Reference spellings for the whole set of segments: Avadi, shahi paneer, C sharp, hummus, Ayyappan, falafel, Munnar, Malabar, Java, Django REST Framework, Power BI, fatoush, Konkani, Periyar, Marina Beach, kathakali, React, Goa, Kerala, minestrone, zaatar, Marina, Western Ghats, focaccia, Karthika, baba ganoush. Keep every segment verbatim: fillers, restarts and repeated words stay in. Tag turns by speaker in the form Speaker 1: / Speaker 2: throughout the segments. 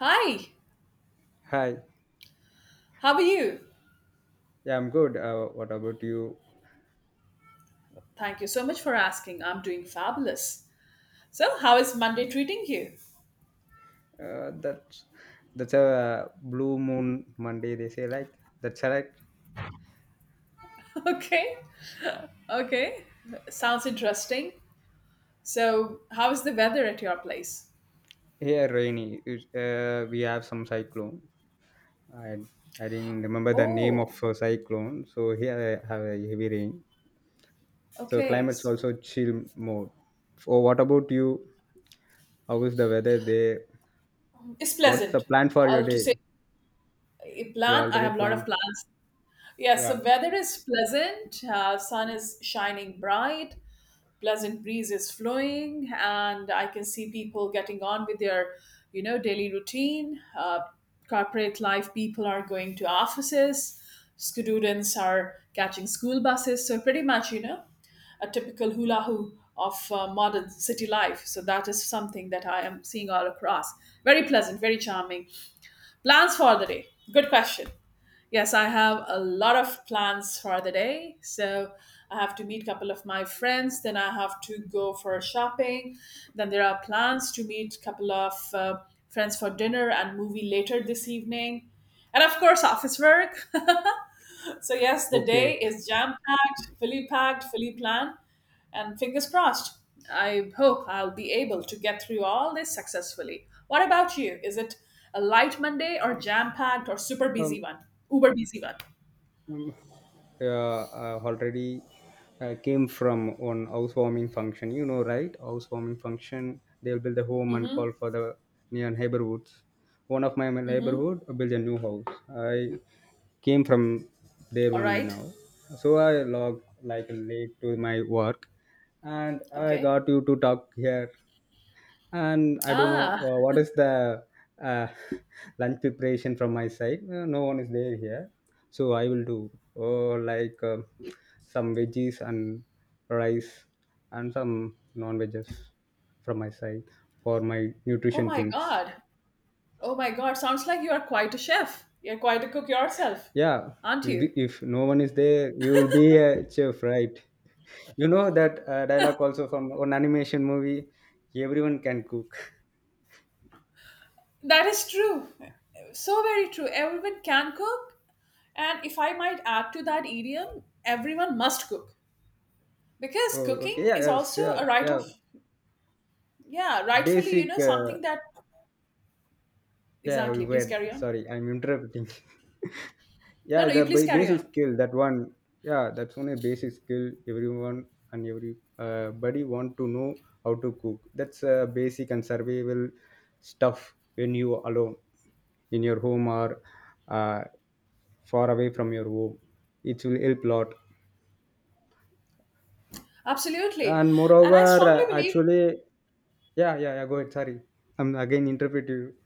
Speaker 1: Hi,
Speaker 2: Hi.
Speaker 1: how are you?
Speaker 2: Yeah, I'm good. Uh, what about you?
Speaker 1: Thank you so much for asking. I'm doing fabulous. So, how is Monday treating you?
Speaker 2: Uh, that's that's a blue moon Monday. They say like that's correct.
Speaker 1: Okay, okay. Sounds interesting. So, how is the weather at your place?
Speaker 2: Here rainy. It's, uh, we have some cyclone. I I didn't remember the name of
Speaker 1: Oh,
Speaker 2: a cyclone. So here I have a heavy rain. So
Speaker 1: okay.
Speaker 2: climate's also chill mode. So what about you? How is the weather there?
Speaker 1: It's
Speaker 2: What's the
Speaker 1: pleasant.
Speaker 2: plan for your
Speaker 1: I'll to
Speaker 2: day?
Speaker 1: say a
Speaker 2: You
Speaker 1: plan. I
Speaker 2: already
Speaker 1: have a lot of
Speaker 2: planned.
Speaker 1: plans. Yes, the
Speaker 2: Yeah.
Speaker 1: weather is pleasant. Uh, sun is shining bright. Pleasant breeze is flowing, and I can see people getting on with their, you know, daily routine, uh, corporate life, people are going to offices, students are catching school buses. So pretty much, you know, a typical hula hoop of uh, modern city life. So that is something that I am seeing all across. Very pleasant, very charming. Plans for the day. Good question. Yes, I have a lot of plans for the day. So I have to meet a couple of my friends. Then I have to go for shopping. Then there are plans to meet a couple of uh, friends for dinner and movie later this evening. And of course, office work. So, yes, the
Speaker 2: Okay.
Speaker 1: day is jam packed, fully packed, fully planned. And fingers crossed, I hope I'll be able to get through all this successfully. What about you? Is it a light Monday or jam packed or super
Speaker 2: Um,
Speaker 1: busy one? Uber busy one?
Speaker 2: um, uh, uh, already uh, Came from one housewarming function. You know, right? Housewarming function. They'll build a home and
Speaker 1: Mm-hmm.
Speaker 2: call for the near neighborhoods. One of my
Speaker 1: Mm-hmm.
Speaker 2: neighborhood built a new house. I came from there
Speaker 1: All
Speaker 2: only
Speaker 1: right.
Speaker 2: now. So I log like late to my work, and I
Speaker 1: Okay.
Speaker 2: got you to talk here, and I don't know
Speaker 1: Ah.
Speaker 2: uh, what is the uh, lunch preparation from my side. Uh, no one is there here, so I will do uh, like uh, some veggies and rice and some non veggies from my side for my
Speaker 1: Oh
Speaker 2: nutrition
Speaker 1: my
Speaker 2: things.
Speaker 1: God. Oh my God. Sounds like you are quite a chef. You're quite a cook yourself,
Speaker 2: Yeah,
Speaker 1: aren't
Speaker 2: you'll be-
Speaker 1: you?
Speaker 2: if no one is there, you will be a chef, right? You know that uh, dialogue also from an animation movie. Everyone can cook.
Speaker 1: That is true. So very true. Everyone can cook. And if I might add to that idiom, everyone must cook. Because
Speaker 2: Oh, okay,
Speaker 1: cooking
Speaker 2: yeah,
Speaker 1: is
Speaker 2: yes,
Speaker 1: also
Speaker 2: yeah,
Speaker 1: a right of,
Speaker 2: yeah.
Speaker 1: yeah, rightfully, you
Speaker 2: basic
Speaker 1: know,
Speaker 2: uh,
Speaker 1: something that,
Speaker 2: Yeah, we
Speaker 1: exactly. Please
Speaker 2: were.
Speaker 1: carry on.
Speaker 2: Sorry, I'm interrupting.
Speaker 1: No,
Speaker 2: yeah,
Speaker 1: no,
Speaker 2: the
Speaker 1: you please
Speaker 2: ba-
Speaker 1: carry
Speaker 2: basic
Speaker 1: on.
Speaker 2: skill that one. Yeah, that's only basic skill. Everyone and every uh, body want to know how to cook. That's a basic and survival stuff when you alone in your home or uh, far away from your home. It will help lot.
Speaker 1: Absolutely.
Speaker 2: And
Speaker 1: And I
Speaker 2: moreover,
Speaker 1: strongly
Speaker 2: uh,
Speaker 1: believe.
Speaker 2: actually, yeah, yeah, yeah. Go ahead. Sorry, I'm again interrupting you.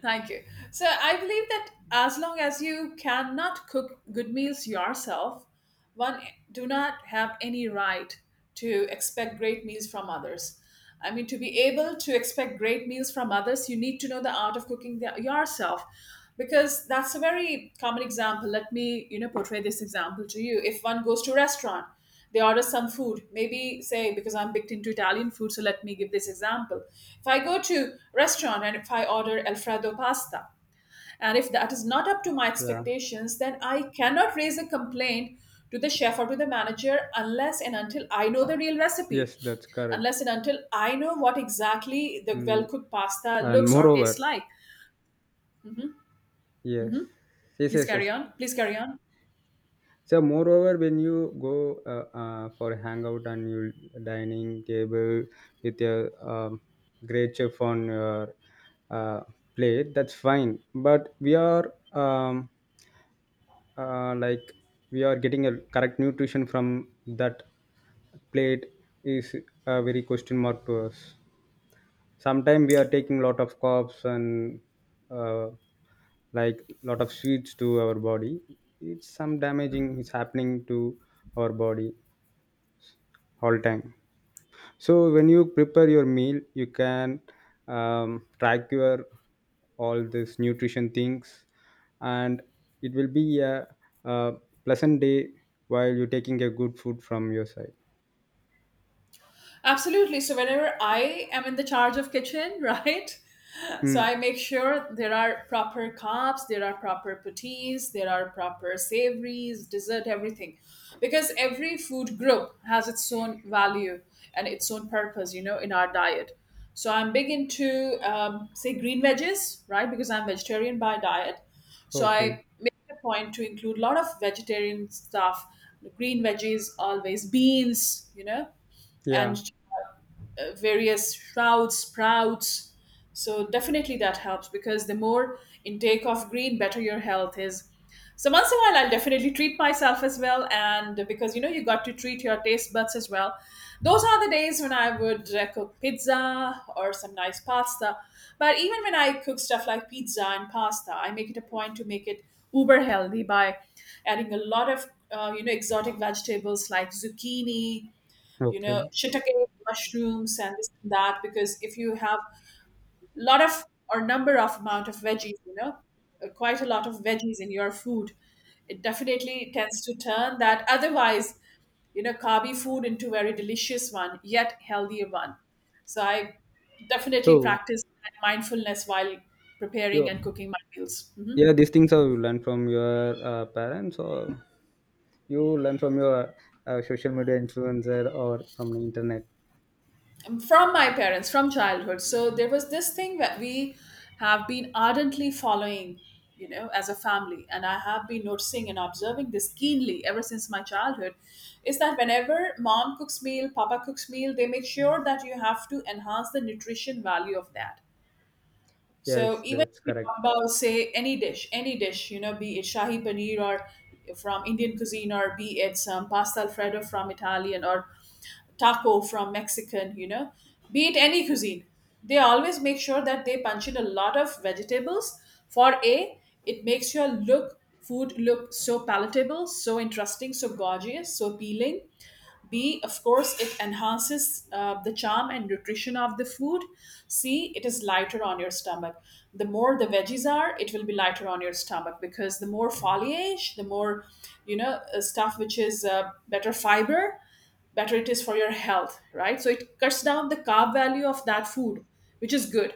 Speaker 1: Thank you. So I believe that as long as you cannot cook good meals yourself, one do not have any right to expect great meals from others. I mean, to be able to expect great meals from others, you need to know the art of cooking the, yourself, because that's a very common example. Let me, you know, portray this example to you. If one goes to a restaurant, they order some food, maybe, say, because I'm big into Italian food, so let me give this example. If I go to restaurant and if I order alfredo pasta, and if that is not up to my
Speaker 2: Yeah.
Speaker 1: expectations, then I cannot raise a complaint to the chef or to the manager, unless and until I know the real recipe,
Speaker 2: Yes, that's correct.
Speaker 1: unless and until I know what exactly the well
Speaker 2: Mm,
Speaker 1: cooked pasta
Speaker 2: and
Speaker 1: looks or tastes
Speaker 2: moreover,
Speaker 1: like.
Speaker 2: yes, yes,
Speaker 1: please
Speaker 2: yes, yes.
Speaker 1: carry on please carry on
Speaker 2: So moreover, when you go uh, uh, for a hangout and you dining table with your um, great chef on your uh, plate, that's fine. But we are um, uh, like we are getting a correct nutrition from that plate is a very question mark to us. Sometimes we are taking lot of carbs and uh, like lot of sweets to our body. It's some damaging is happening to our body all time. So when you prepare your meal, you can um, track your all this nutrition things, and it will be a, a pleasant day while you're taking a good food from your side.
Speaker 1: Absolutely. So whenever I am in the charge of kitchen, right? So
Speaker 2: Mm.
Speaker 1: I make sure there are proper cups, there are proper puttees, there are proper savories, dessert, everything. Because every food group has its own value and its own purpose, you know, in our diet. So I'm big into, um, say, green veggies, right? Because I'm vegetarian by diet. So
Speaker 2: Okay.
Speaker 1: I make a point to include a lot of vegetarian stuff, green veggies always, beans, you know,
Speaker 2: Yeah.
Speaker 1: and uh, various shrouds, sprouts. So definitely that helps because the more intake of green, better your health is. So once in a while, I'll definitely treat myself as well, and because you know you got to treat your taste buds as well. Those are the days when I would uh, cook pizza or some nice pasta. But even when I cook stuff like pizza and pasta, I make it a point to make it uber healthy by adding a lot of uh, you know exotic vegetables like zucchini, you know,
Speaker 2: Okay.
Speaker 1: shiitake mushrooms and this and that. Because if you have a lot of or number of amount of veggies, you know, uh, quite a lot of veggies in your food, it definitely tends to turn that otherwise, you know, carby food into very delicious one, yet healthier one. So I definitely
Speaker 2: So
Speaker 1: practice that mindfulness while preparing
Speaker 2: you
Speaker 1: and cooking my meals.
Speaker 2: Yeah, these things are you learn from your uh, parents, or you learn from your uh, social media influencer or from the internet.
Speaker 1: From my parents from childhood, so there was this thing that we have been ardently following, you know, as a family. And I have been noticing and observing this keenly ever since my childhood, is that whenever mom cooks meal, papa cooks meal, they make sure that you have to enhance the nutrition value of that. So
Speaker 2: Yes,
Speaker 1: even
Speaker 2: that's
Speaker 1: if we
Speaker 2: correct.
Speaker 1: talk about say any dish, any dish, you know, be it shahi paneer or from Indian cuisine, or be it some pasta alfredo from Italian, or taco from Mexican, you know, be it any cuisine, they always make sure that they punch in a lot of vegetables. For A, it makes your look food look so palatable, so interesting, so gorgeous, so appealing. B, of course, it enhances uh, the charm and nutrition of the food. C, it is lighter on your stomach. The more the veggies are, it will be lighter on your stomach because the more foliage, the more, you know, uh, stuff which is uh, better fiber, better it is for your health, right? So it cuts down the carb value of that food, which is good.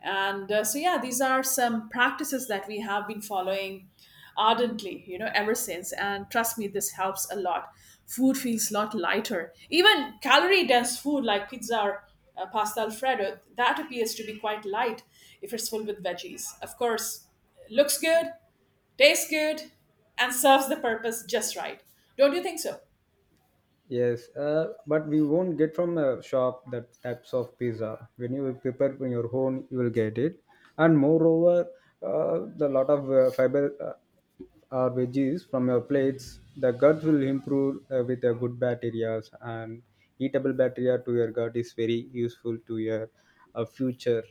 Speaker 1: And uh, so yeah, these are some practices that we have been following ardently, you know, ever since. And trust me, this helps a lot. Food feels a lot lighter, even calorie dense food like pizza or uh, pasta alfredo that appears to be quite light if it's full with veggies, of course. Looks good, tastes good, and serves the purpose just right. Don't you think so?
Speaker 2: Yes, uh, but we won't get from a shop that types of pizza. When you prepare on your own, you will get it. And moreover, uh, the lot of uh, fiber, uh, or veggies from your plates, the gut will improve uh, with a good bacteria, and eatable bacteria to your gut is very useful to your uh, future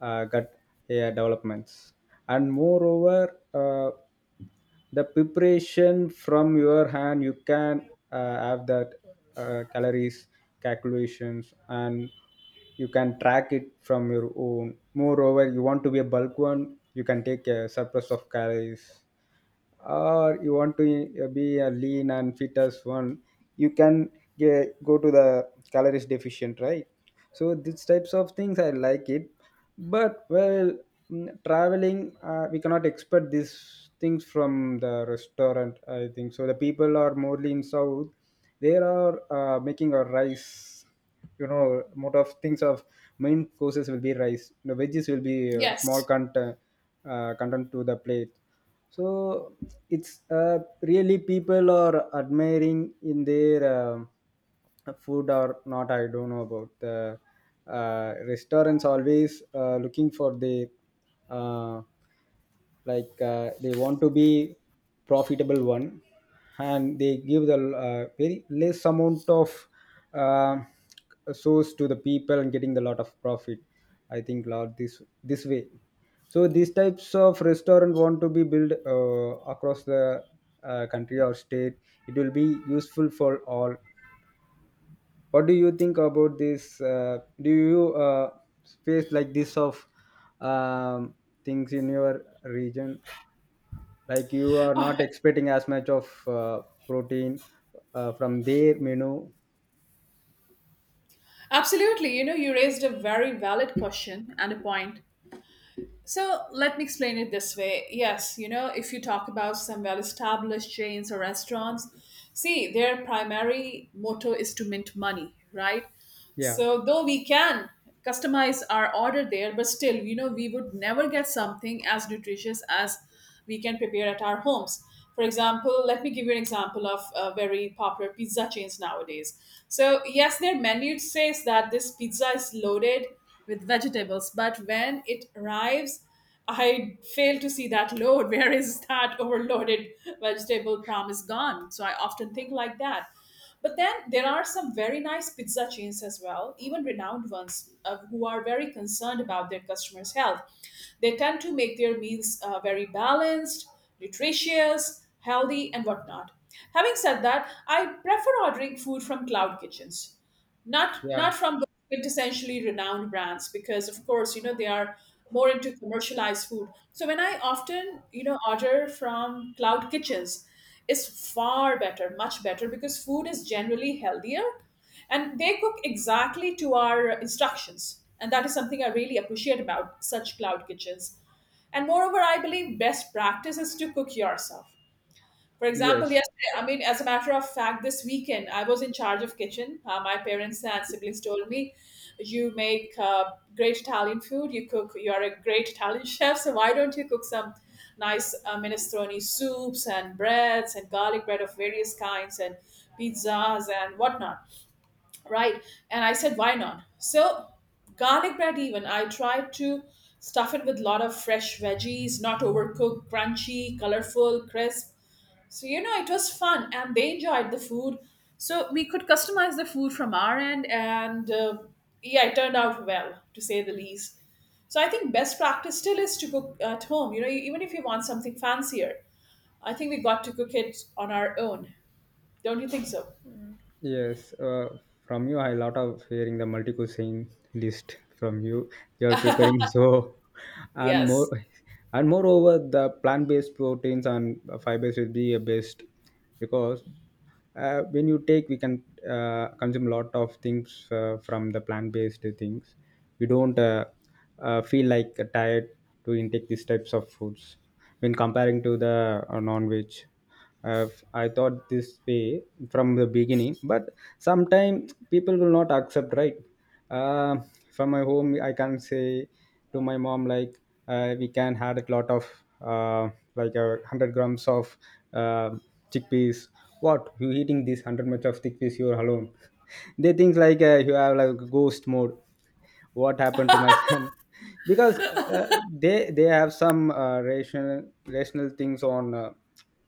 Speaker 2: uh, gut hair developments. And moreover, uh, the preparation from your hand, you can uh, have that uh, calories calculations, and you can track it from your own. Moreover, you want to be a bulk one, you can take a surplus of calories, or you want to uh, be a lean and fit as one, you can get, go to the calories deficient, right? So these types of things I like it. But well, mm, traveling, uh, we cannot expect these things from the restaurant, I think. So the people are mostly in south, they are uh, making a rice, you know. Most of things of main courses will be rice. The veggies will be uh, small
Speaker 1: Yes.
Speaker 2: content, uh, content to the plate. So it's uh, really people are admiring in their um food or not, I don't know. About the uh, restaurants, always uh, looking for the uh, like uh, they want to be profitable one, and they give the uh, very less amount of uh, source to the people and getting the lot of profit, I think lot this this way. So these types of restaurant want to be built uh, across the uh, country or state, it will be useful for all. What do you think about this? Uh, do you uh, face like this of um, things in your region, like you are not expecting as much of uh, protein uh, from their menu?
Speaker 1: Absolutely. You know, you raised a very valid question and a point. So let me explain it this way. Yes, you know, if you talk about some well established chains or restaurants, see, their primary motto is to mint money, right?
Speaker 2: Yeah,
Speaker 1: So, though we can customize our order there, but still, you know, we would never get something as nutritious as we can prepare at our homes. For example, let me give you an example of uh, very popular pizza chains nowadays. So, yes, their menu says that this pizza is loaded with vegetables. But when it arrives, I fail to see that load. Where is that overloaded vegetable promise gone? So I often think like that. But then there are some very nice pizza chains as well, even renowned ones, uh, who are very concerned about their customers' health. They tend to make their meals uh, very balanced, nutritious, healthy, and whatnot. Having said that, I prefer ordering food from cloud kitchens, not
Speaker 2: yeah,
Speaker 1: not from the quintessentially renowned brands, because of course, you know, they are more into commercialized food. So when I often, you know, order from cloud kitchens, it's far better, much better, because food is generally healthier, and they cook exactly to our instructions, and that is something I really appreciate about such cloud kitchens. And moreover, I believe best practice is to cook yourself. For example,
Speaker 2: yes.
Speaker 1: yesterday, I mean, as a matter of fact, this weekend I was in charge of kitchen. Uh, my parents and siblings told me, "You make uh, great Italian food. You cook. You are a great Italian chef. So why don't you cook some nice uh, minestrone soups and breads and garlic bread of various kinds and pizzas and whatnot, right?" And I said, "Why not?" So garlic bread, even I tried to stuff it with a lot of fresh veggies, not overcooked, crunchy, colorful, crisp. So, you know, it was fun and they enjoyed the food. So, we could customize the food from our end, and uh, yeah, it turned out well, to say the least. So, I think best practice still is to cook at home. You know, even if you want something fancier, I think we got to cook it on our own. Don't you think so?
Speaker 2: Yes, uh, from you, I lot of hearing the multi cuisine list from you. You're preparing so, and more,
Speaker 1: Yes.
Speaker 2: and moreover, the plant based proteins and fibers will be a best, because uh, when you take, we can uh, consume a lot of things uh, from the plant based things. You don't uh, uh, feel like tired to intake these types of foods when comparing to the uh, non veg. I've, I thought this way from the beginning, but sometimes people will not accept, right? Uh, from my home, I can say to my mom, like, uh, we can had a lot of, uh, like, a one hundred grams of uh, chickpeas. What? You eating this one hundred much of chickpeas, you're alone. They think like uh, you have like a ghost mode. What happened to my son? Because uh, they they have some uh, rational rational things on uh,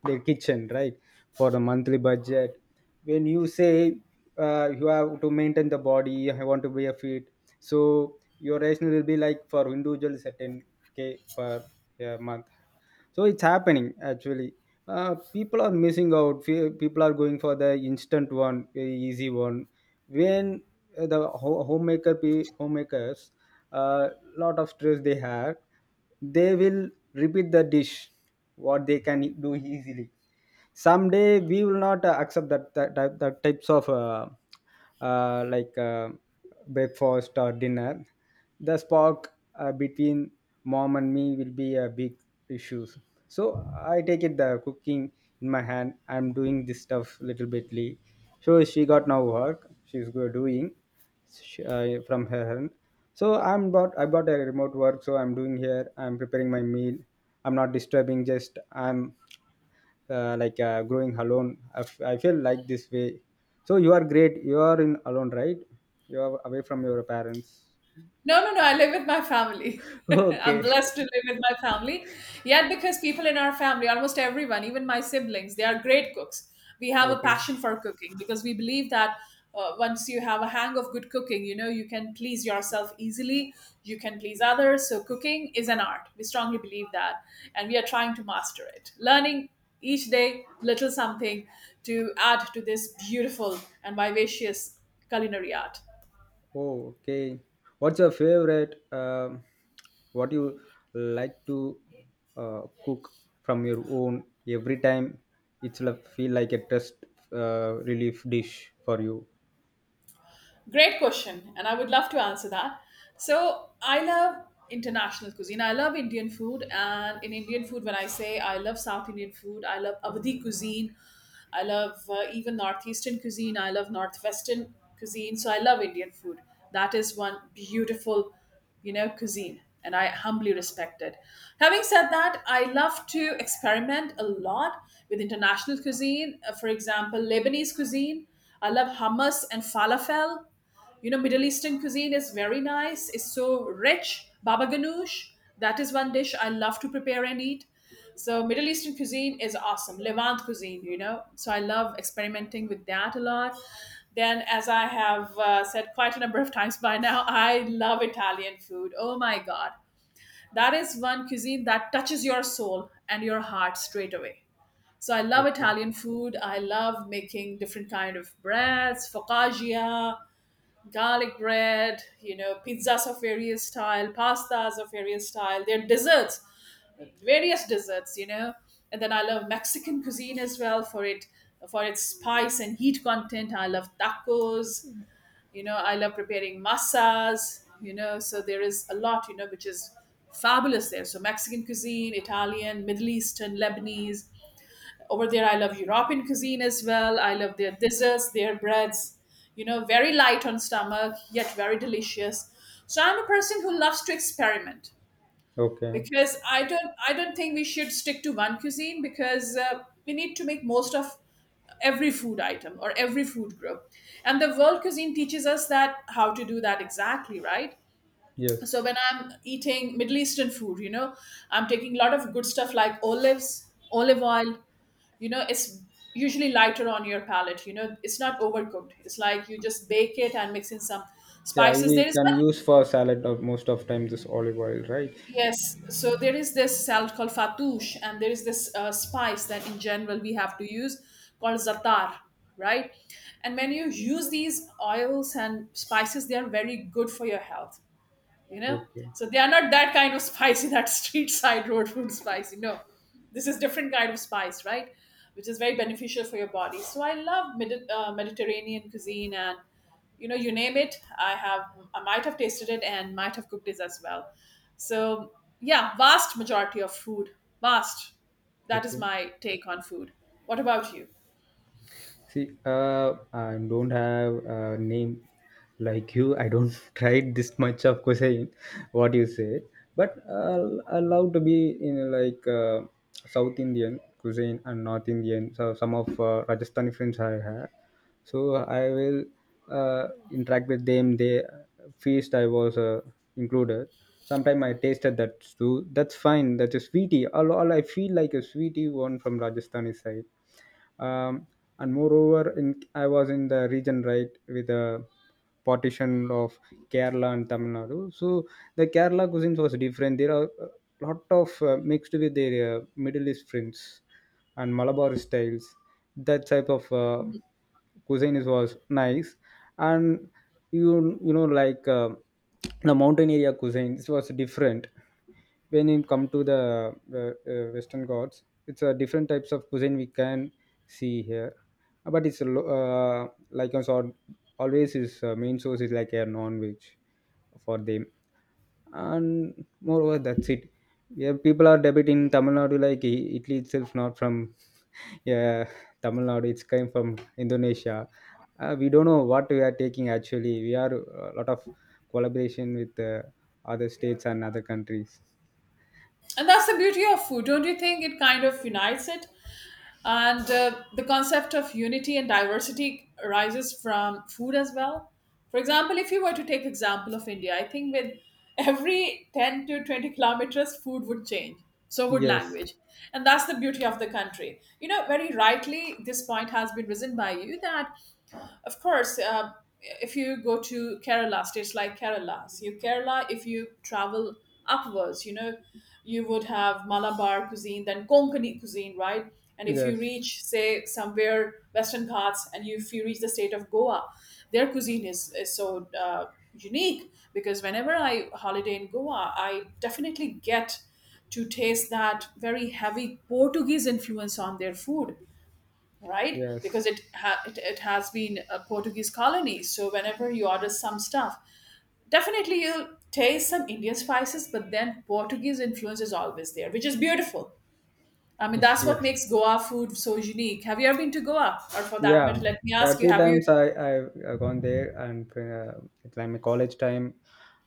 Speaker 2: their kitchen, right? For the monthly budget, when you say uh, you have to maintain the body, I want to be a fit. So your rational will be like for individual is at ten k per uh, month. So it's happening actually. Uh, people are missing out. Fe- people are going for the instant one, very easy one. When uh, the ho- homemaker pe- homemakers uh, lot of stress they have, they will repeat the dish what they can e-, do easily. Someday we will not uh, accept that that, that, that types of uh, uh, like uh, breakfast or dinner. The spark uh, between mom and me will be a big issues. So I take it the cooking in my hand, I'm doing this stuff little bitly. So she got now work, she's go- doing sh- uh, from her hand. So i'm bought I bought a remote work, so I'm doing here, I'm preparing my meal. I'm not disturbing, just I'm uh, like uh, growing alone. I, f- I feel like this way. So you are great, you are in alone, right? You are away from your parents.
Speaker 1: No, no, no. I live with my family. I'm
Speaker 2: Okay.
Speaker 1: blessed to live with my family. Yet, because people in our family, almost everyone, even my siblings, they are great cooks. We have a
Speaker 2: Okay.
Speaker 1: passion for cooking because we believe that uh, once you have a hang of good cooking, you know, you can please yourself easily, you can please others. So, cooking is an art. We strongly believe that. And we are trying to master it, learning each day little something to add to this beautiful and vivacious culinary art.
Speaker 2: Oh, okay. What's your favorite? Um, what you like to uh, cook from your own every time? It's like feel like a test uh, relief dish for you.
Speaker 1: Great question, and I would love to answer that. So, I love international cuisine. I love Indian food, and in Indian food, when I say I love South Indian food, I love Avadi cuisine, I love uh, even Northeastern cuisine, I love Northwestern cuisine. So, I love Indian food. That is one beautiful, you know, cuisine. And I humbly respect it. Having said that, I love to experiment a lot with international cuisine. Uh, For example, Lebanese cuisine. I love hummus and falafel. You know, Middle Eastern cuisine is very nice. It's so rich. Baba ganoush, that is one dish I love to prepare and eat. So Middle Eastern cuisine is awesome. Levant cuisine, you know. So I love experimenting with that a lot. Then, as I have uh, said quite a number of times by now, I love Italian food. Oh my God. That is one cuisine that touches your soul and your heart straight away. So I love
Speaker 2: Okay.
Speaker 1: Italian food. I love making different kind of breads, focaccia, garlic bread, you know, pizzas of various style, pastas of various style, their desserts, various desserts, you know. And then I love Mexican cuisine as well for it for its spice and heat content. I love tacos, you know, I love preparing masas, you know, so there is a lot, you know, which is fabulous there. So Mexican cuisine, Italian, Middle Eastern, Lebanese, over there, I love European cuisine as well. I love their desserts, their breads, you know, very light on stomach, yet very delicious. So I'm a person who loves to experiment
Speaker 2: Okay.
Speaker 1: because I don't I don't think we should stick to one cuisine because uh, we need to make most of every food item or every food group. And the world cuisine teaches us that how to do that exactly, right?
Speaker 2: Yes.
Speaker 1: So when I'm eating Middle Eastern food, you know, I'm taking a lot of good stuff like olives, olive oil, you know, it's usually lighter on your palate, you know, it's not overcooked. It's like you just bake it and mix in some
Speaker 2: Yeah,
Speaker 1: spices. There
Speaker 2: we
Speaker 1: is one.
Speaker 2: can use for salad of most of time this olive oil, right?
Speaker 1: Yes, so there is this salad called fatoush, and there is this uh, spice that in general we have to use, called zatar, right? And when you use these oils and spices, they are very good for your health, you know.
Speaker 2: Okay.
Speaker 1: So they are not that kind of spicy that street side road food spicy, no. This is different kind of spice, right, which is very beneficial for your body. So I love Medi- uh, mediterranean cuisine, and you know, you name it, i have I might have tasted it and might have cooked it as well. So yeah, vast majority of food, vast that is
Speaker 2: Okay.
Speaker 1: my take on food. What about you?
Speaker 2: See, uh, I don't have a name like you. I don't try this much of cuisine, what you say. But uh, I love to be in like uh, South Indian cuisine and North Indian. So some of uh, Rajasthani friends I have. So I will uh, interact with them. They feast I was uh, included. Sometimes I tasted that too. That's fine. That's a sweetie. All, all I feel like a sweetie one from Rajasthani side. um, and moreover, in I was in the region right with a partition of Kerala and Tamil Nadu. So the Kerala cuisines was different. There are a lot of uh, mixed with their uh, Middle East friends and Malabar styles. That type of uh, cuisine is, was nice. And you you know like uh, the mountain area cuisine it was different. When it come to the uh, uh, western gods, it's a different types of cuisine we can see here. Uh, but it's a lo- uh, like I said, always is uh, main source is like a non-veg for them. And moreover, that's it. Yeah, people are debating Tamil Nadu like I- Italy itself not from yeah Tamil Nadu it's came from Indonesia. Uh, we don't know what we are taking actually. We are a lot of collaboration with uh, other states and other countries.
Speaker 1: And that's the beauty of food, don't you think? It kind of unites it. And uh, the concept of unity and diversity arises from food as well. For example, if you were to take example of India, I think with every ten to twenty kilometers, food would change. So would
Speaker 2: Yes,
Speaker 1: language. And that's the beauty of the country. You know, very rightly, this point has been risen by you that of course, uh, if you go to Kerala, states like Kerala, so you Kerala, if you travel upwards, you know, you would have Malabar cuisine, then Konkani cuisine, right? And if you
Speaker 2: yes,
Speaker 1: reach, say, somewhere Western Ghats, and you, if you reach the state of Goa, their cuisine is, is so uh, unique because whenever I holiday in Goa, I definitely get to taste that very heavy Portuguese influence on their food, right?
Speaker 2: yes,
Speaker 1: Because it ha- it, it has been a Portuguese colony. So whenever you order some stuff, definitely you'll taste some Indian spices, but then Portuguese influence is always there, which is beautiful. I mean,
Speaker 2: yes.
Speaker 1: that's what
Speaker 2: Yes.
Speaker 1: makes Goa food so unique. Have you ever been to Goa, or for that matter,
Speaker 2: Yeah,
Speaker 1: let me
Speaker 2: yeah.
Speaker 1: ask you:
Speaker 2: Two
Speaker 1: Have you?
Speaker 2: times I I've uh, gone there, and uh, it's like my college time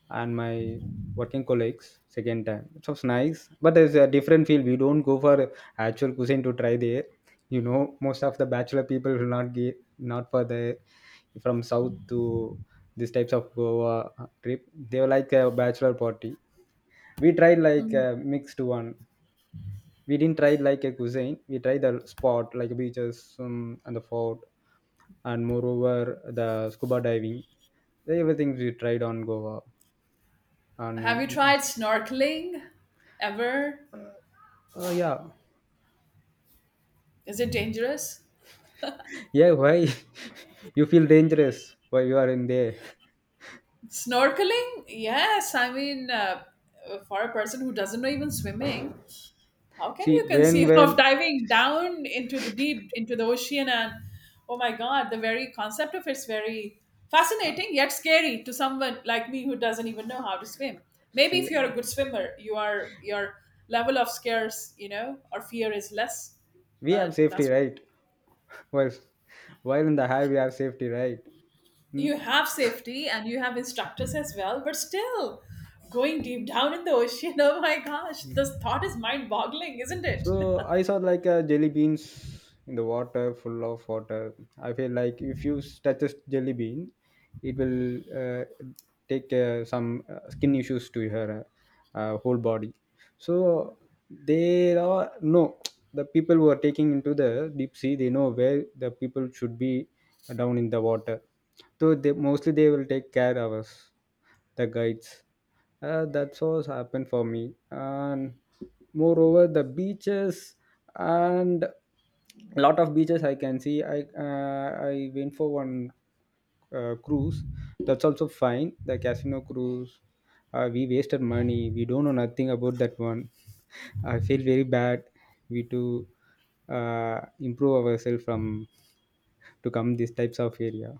Speaker 2: and my working colleagues. Second time, it was nice, but there's a different feel. We don't go for actual cuisine to try there. You know, most of the bachelor people will not get, not for the from south to these types of Goa trip. They were like a bachelor party. We tried like a
Speaker 1: Mhm.
Speaker 2: mixed one. We didn't try like a cuisine. We tried the spot like beaches, um, and the fort, and moreover the scuba diving, everything we tried on Goa.
Speaker 1: Have you
Speaker 2: And
Speaker 1: tried snorkeling ever?
Speaker 2: oh yeah.
Speaker 1: Is it dangerous?
Speaker 2: Yeah, why? You feel dangerous while you are in there?
Speaker 1: Snorkeling? Yes. I mean, uh, for a person who doesn't know even swimming, how can
Speaker 2: See
Speaker 1: you
Speaker 2: when
Speaker 1: conceive of
Speaker 2: when
Speaker 1: diving down into the deep into the ocean? And oh my God, the very concept of it's very fascinating yet scary to someone like me who doesn't even know how to swim. Maybe
Speaker 2: See,
Speaker 1: if you're a good swimmer, you are your level of scares, you know, or fear is less.
Speaker 2: we have
Speaker 1: But
Speaker 2: safety,
Speaker 1: that's...
Speaker 2: right? while while in the high we have safety, right? Mm.
Speaker 1: You have safety and you have instructors as well, but still, going deep down in the ocean, oh my gosh, this thought is mind boggling, isn't it?
Speaker 2: So I saw like uh, jelly beans in the water, full of water. I feel like if you s- touch a jelly bean, it will uh, take uh, some uh, skin issues to her uh, whole body. So there are no the people who are taking into the deep sea They know where the people should be down in the water, so they mostly they will take care of us, the guides. Uh, that's what's happened for me. And moreover, the beaches, and lot of beaches I can see. i uh, I went for one uh, cruise. That's also fine, the casino cruise. Uh, we wasted money, we don't know nothing about that one. I feel very bad. We to uh, Improve ourselves from to come these types of area.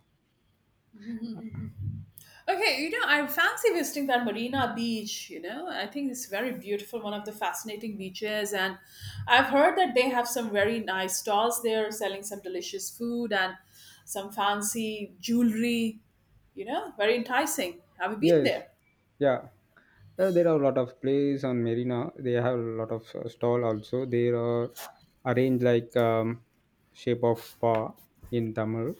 Speaker 1: Okay, you know, I fancy visiting that Marina Beach. You know, I think it's very beautiful, one of the fascinating beaches. And I've heard that they have some very nice stalls there selling some delicious food and some fancy jewelry. You know, very enticing. Have you been
Speaker 2: Yes,
Speaker 1: there?
Speaker 2: yeah. Uh, there are a lot of place on Marina. They have a lot of uh, stall also. They are arranged like um, shape of paw in Tamil,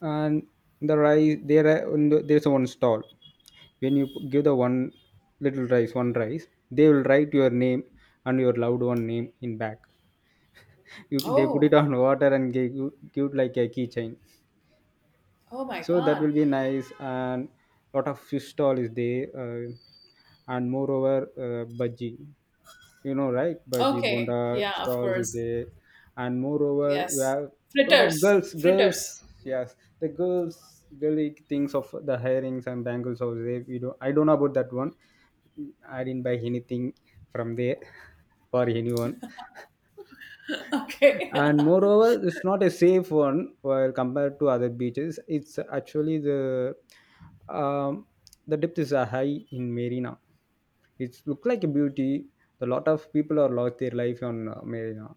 Speaker 2: and the rice there are- and there's one stall. When you give the one little rice, one rice, they will write your name and your loved one name in back. You, they put it
Speaker 1: Oh,
Speaker 2: on water and give you give it like a keychain,
Speaker 1: oh my
Speaker 2: so that
Speaker 1: God.
Speaker 2: will be nice. And lot of fish stall is there, uh, and moreover uh, bhaji, you know right, bhaji
Speaker 1: Okay,
Speaker 2: bonda
Speaker 1: yeah, of
Speaker 2: stalls is
Speaker 1: course.
Speaker 2: there. And moreover you
Speaker 1: Yes.
Speaker 2: have a lot of
Speaker 1: Fritters,
Speaker 2: girls girls,
Speaker 1: fritters.
Speaker 2: yes, the girls girly things of the hairings and bangles over there. We don't I don't know about that one. I didn't buy anything from there for anyone.
Speaker 1: Okay.
Speaker 2: And moreover, it's not a safe one while compared to other beaches. It's actually the um, the depth is uh, high in Marina. It's look like a beauty. A lot of people are lost their life on uh, Marina.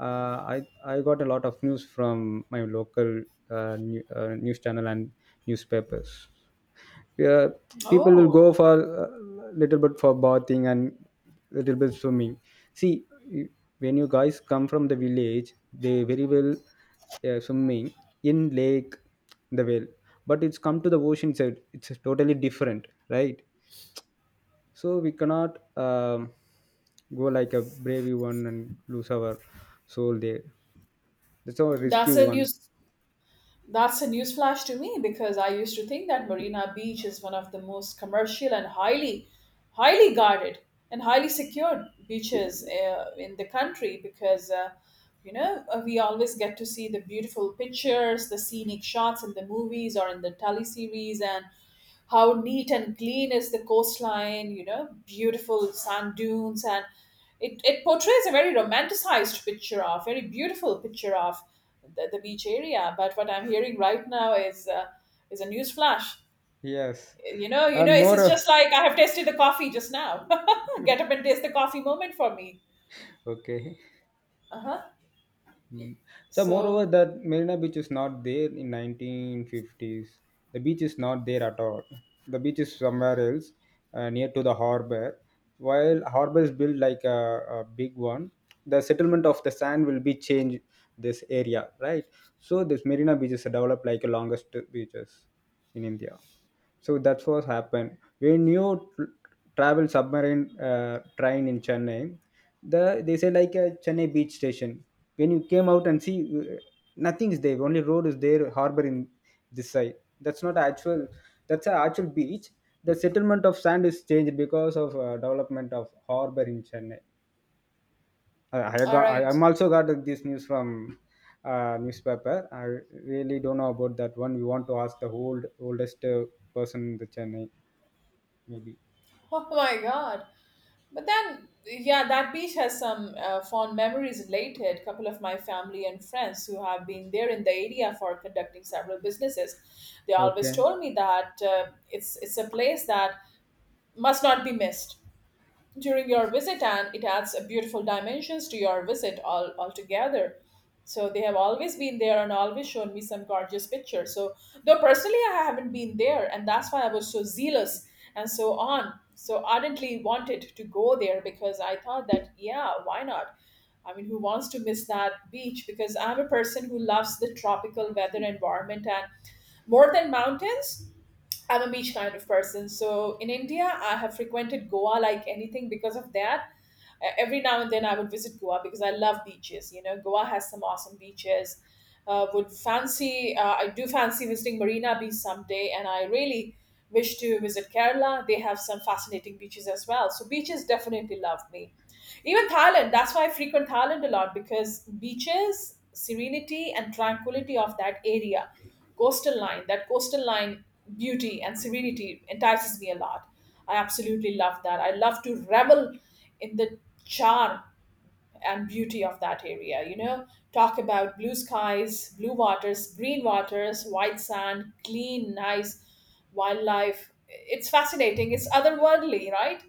Speaker 2: Uh, i i got a lot of news from my local uh, new, uh, news channel and newspapers, yeah. People will
Speaker 1: Oh,
Speaker 2: go for a little bit for bathing and little bit swimming. See, y- when you guys come from the village, they very well uh, swimming in lake, the well. But it's come to the ocean side. It's totally different, right? So we cannot um, go like a brave one and lose our soul there. That's a risky
Speaker 1: that's a
Speaker 2: one.
Speaker 1: news. That's a newsflash to me because I used to think that Marina Beach is one of the most commercial and highly, highly guarded and highly secured beaches uh, in the country because, uh, you know, uh, we always get to see the beautiful pictures, the scenic shots in the movies or in the tele series, and how neat and clean is the coastline, you know, beautiful sand dunes. And it, it portrays a very romanticized picture of, very beautiful picture of the, the beach area. But what I'm hearing right now is, uh, is a news flash.
Speaker 2: Yes,
Speaker 1: You know, you know,
Speaker 2: and
Speaker 1: it's, it's just
Speaker 2: more.
Speaker 1: like I have tasted the coffee just now. Get up and taste the coffee moment for me.
Speaker 2: Okay.
Speaker 1: Uh huh.
Speaker 2: Mm. So, moreover,
Speaker 1: So,
Speaker 2: that Marina Beach is not there in nineteen fifties. The beach is not there at all. The beach is somewhere else, uh, near to the harbor. While harbor is built like a, a big one, the settlement of the sand will be changed this area, right? So, this Marina Beach is developed like the longest beaches in India. So that's what happened. When you tr- travel submarine uh, train in Chennai, the they say like a Chennai beach station. When you came out and see, uh, nothing is there. Only road is there, harbor in this side. That's not actual. That's a actual beach. The settlement of sand is changed because of uh, development of harbor in Chennai. I, I
Speaker 1: all
Speaker 2: got. I,
Speaker 1: right.
Speaker 2: I'm also got this news from uh, newspaper. I really don't know about that one. We want to ask the old oldest uh, person in the Chennai maybe.
Speaker 1: Oh my God. But then, yeah, that beach has some uh, fond memories related. A couple of my family and friends who have been there in the area for conducting several businesses, they always
Speaker 2: Okay.
Speaker 1: told me that uh, it's it's a place that must not be missed during your visit, and it adds a beautiful dimensions to your visit all altogether. So they have always been there and always shown me some gorgeous pictures. So though personally I haven't been there, and that's why I was so zealous and so on, so ardently wanted to go there because I thought that yeah, why not. I mean, who wants to miss that beach? Because I'm a person who loves the tropical weather environment, and more than mountains, I'm a beach kind of person. So in India, I have frequented Goa like anything because of that. Uh, Every now and then I would visit Goa because I love beaches. You know, Goa has some awesome beaches. Uh, would fancy, uh, I do fancy visiting Marina Beach someday, and I really wish to visit Kerala. They have some fascinating beaches as well. So beaches definitely love me. Even Thailand, that's why I frequent Thailand a lot because beaches, serenity, and tranquility of that area, coastal line, that coastal line beauty and serenity entices me a lot. I absolutely love that. I love to revel in the charm and beauty of that area, you know. Talk about blue skies, blue waters, green waters, white sand, clean, nice wildlife. It's fascinating. It's otherworldly, right?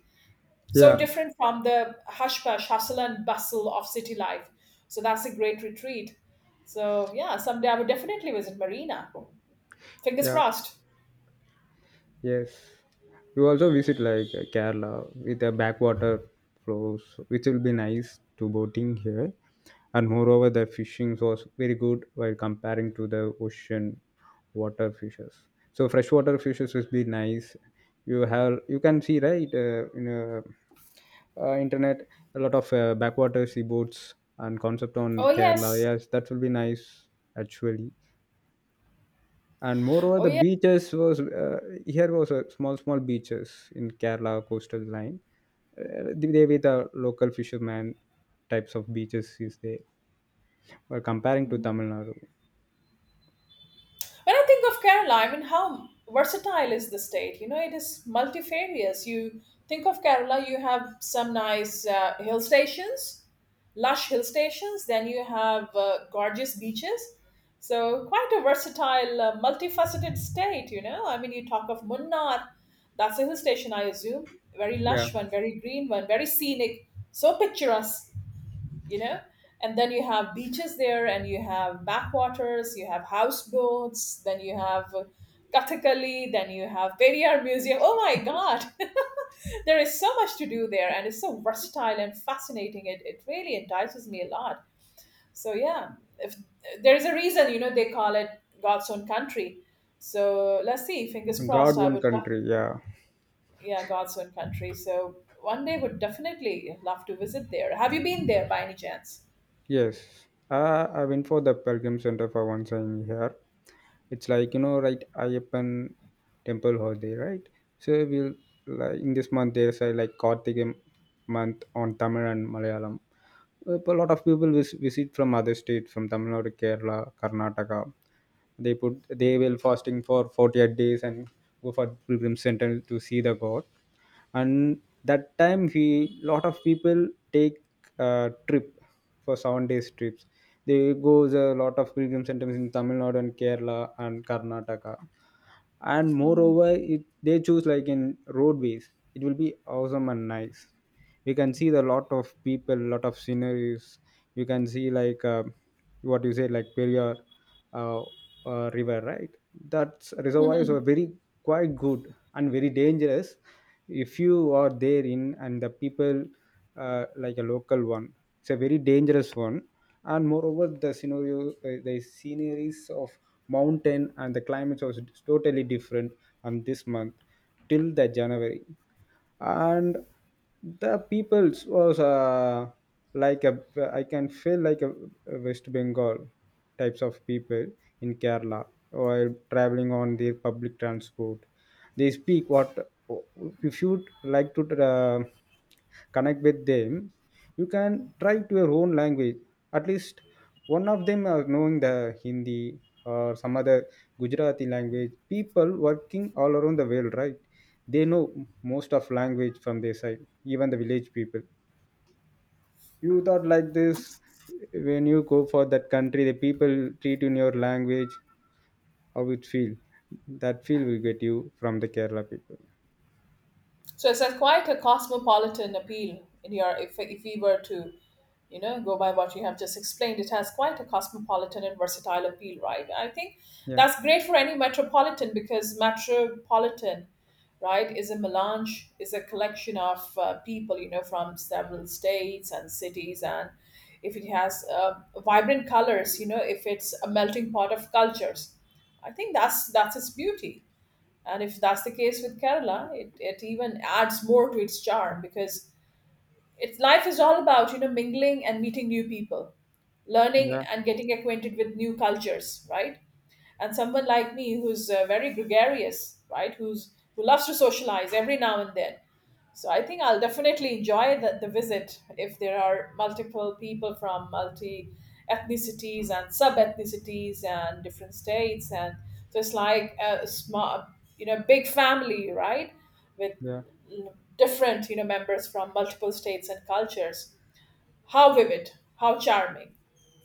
Speaker 1: So
Speaker 2: Yeah.
Speaker 1: different from the hush push hustle and bustle of city life. So that's a great retreat. So yeah, someday I would definitely visit Marina. Fingers
Speaker 2: Yeah.
Speaker 1: crossed.
Speaker 2: Yes. You also visit like uh, Kerala with the backwater flows, which will be nice to boating here. And moreover, the fishing was very good while comparing to the ocean water fishes. So freshwater fishes will be nice. You have you can see right, uh, in a uh, internet, a lot of uh, backwater sea boats and concept on
Speaker 1: Oh
Speaker 2: Kerala,
Speaker 1: yes.
Speaker 2: yes, that will be nice actually. And moreover,
Speaker 1: Oh
Speaker 2: the
Speaker 1: yeah.
Speaker 2: beaches was uh, here, was a small small beaches in Kerala coastal line, uh, they with the local fisherman, types of beaches is there, or comparing to Tamil
Speaker 1: Mhm.
Speaker 2: Nadu.
Speaker 1: When I think of Kerala, I mean, how versatile is the state? You know, it is multifarious. You think of Kerala, you have some nice uh, hill stations, lush hill stations. Then you have uh, gorgeous beaches. So quite a versatile, uh, multifaceted state. You know, I mean, you talk of Munnar. That's a hill station, I assume. Very
Speaker 2: Yeah,
Speaker 1: lush one, very green one, very scenic, so picturesque. You know, and then you have beaches there, and you have backwaters, you have houseboats, then you have Kathakali, then you have Periyar museum, oh my God. There is so much to do there, and it's so versatile and fascinating. It, it really entices me a lot. So yeah, if there's a reason, you know, they call it God's own country. So let's see, fingers
Speaker 2: god
Speaker 1: crossed, I
Speaker 2: one
Speaker 1: would love.
Speaker 2: country, yeah.
Speaker 1: Yeah, God's own country, so one day would definitely love to visit there. Have you been there by any chance?
Speaker 2: Yes, uh, I went for the Pilgrim Center for once in here. It's like you know, right? Ayyappan temple holiday, right? So we'll like in this month there's a like Karthika month on Tamil and Malayalam. Uh, A lot of people vis- visit from other states, from Tamil Nadu, Kerala, Karnataka. They put they will fasting for forty-eight days and go for pilgrim center to see the God. And that time he, lot of people take uh, trip for seven days trips. They goes a lot of pilgrim centers in Tamil Nadu and Kerala and Karnataka. And
Speaker 1: Mhm.
Speaker 2: moreover it, they choose like in roadways, it will be awesome and nice. We can see the lot of people, lot of sceneries. You can see like uh, what you say like Periyar uh, uh, river, right? That reservoirs are very quite good and very dangerous. If you are there in, and the people uh, like a local one, it's a very dangerous one. And moreover, the scenario, uh, the sceneries of mountain and the climates was totally different on this month till the January. And the peoples was uh, like a, I can feel like a West Bengal types of people in Kerala. While traveling on their public transport, they speak what, if you would like to uh, connect with them, you can try to your own language. At least one of them are knowing the Hindi or some other Gujarati language. People working all around the world, right? They know most of language from their side, even the village people. You thought like this, when you go for that country, the people treat you in your language. How it feel? That feel will get you from the Kerala people.
Speaker 1: So it's a quite a cosmopolitan appeal in your, if if we were to, you know, go by what you have just explained, it has quite a cosmopolitan and versatile appeal, right? I think
Speaker 2: Yeah.
Speaker 1: that's great for any metropolitan because metropolitan, right, is a melange, is a collection of uh, people, you know, from several states and cities. And if it has uh, vibrant colors, you know, if it's a melting pot of cultures, I think that's that's its beauty. And if that's the case with Kerala, it, it even adds more to its charm because it's life is all about, you know, mingling and meeting new people, learning
Speaker 2: Yeah,
Speaker 1: and getting acquainted with new cultures, right? And someone like me who's uh, very gregarious, right? Who's who loves to socialize every now and then. So I think I'll definitely enjoy the, the visit if there are multiple people from multi ethnicities and sub ethnicities and different states. And so it's like a small, you know, big family, right? With
Speaker 2: yeah,
Speaker 1: different, you know, members from multiple states and cultures. How vivid! How charming!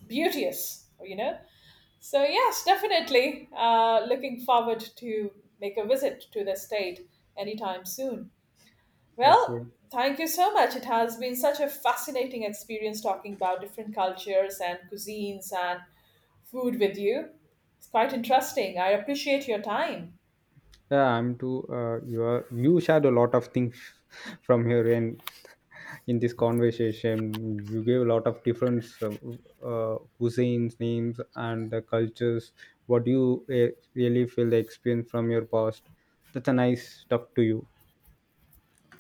Speaker 1: Beauteous! You know. So yes, definitely. Uh, looking forward to make a visit to the state anytime soon.
Speaker 2: okay.
Speaker 1: Well, thank you so much. It has been such a fascinating experience talking about different cultures and cuisines and food with you. It's quite interesting. I appreciate your time.
Speaker 2: Yeah, I'm too. Uh, you are, you shared a lot of things from here and in this conversation. You gave a lot of different uh, uh, cuisines, names, and the cultures. What you uh, really feel the experience from your past? That's a nice talk to you.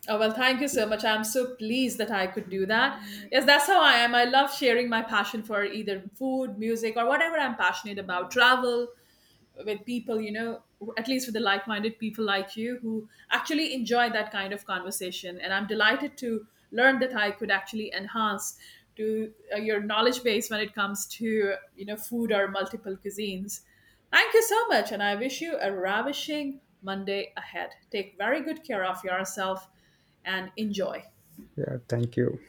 Speaker 1: Oh, well, thank you so much. I'm so pleased that I could do that. Yes, that's how I am. I love sharing my passion for either food, music, or whatever I'm passionate about, travel, with people, you know, at least with the like minded people like you who actually enjoy that kind of conversation. And I'm delighted to learn that I could actually enhance to uh, your knowledge base when it comes to, you know, food or multiple cuisines. Thank you so much. And I wish you a ravishing Monday ahead. Take very good care of yourself and enjoy.
Speaker 2: Yeah, thank you.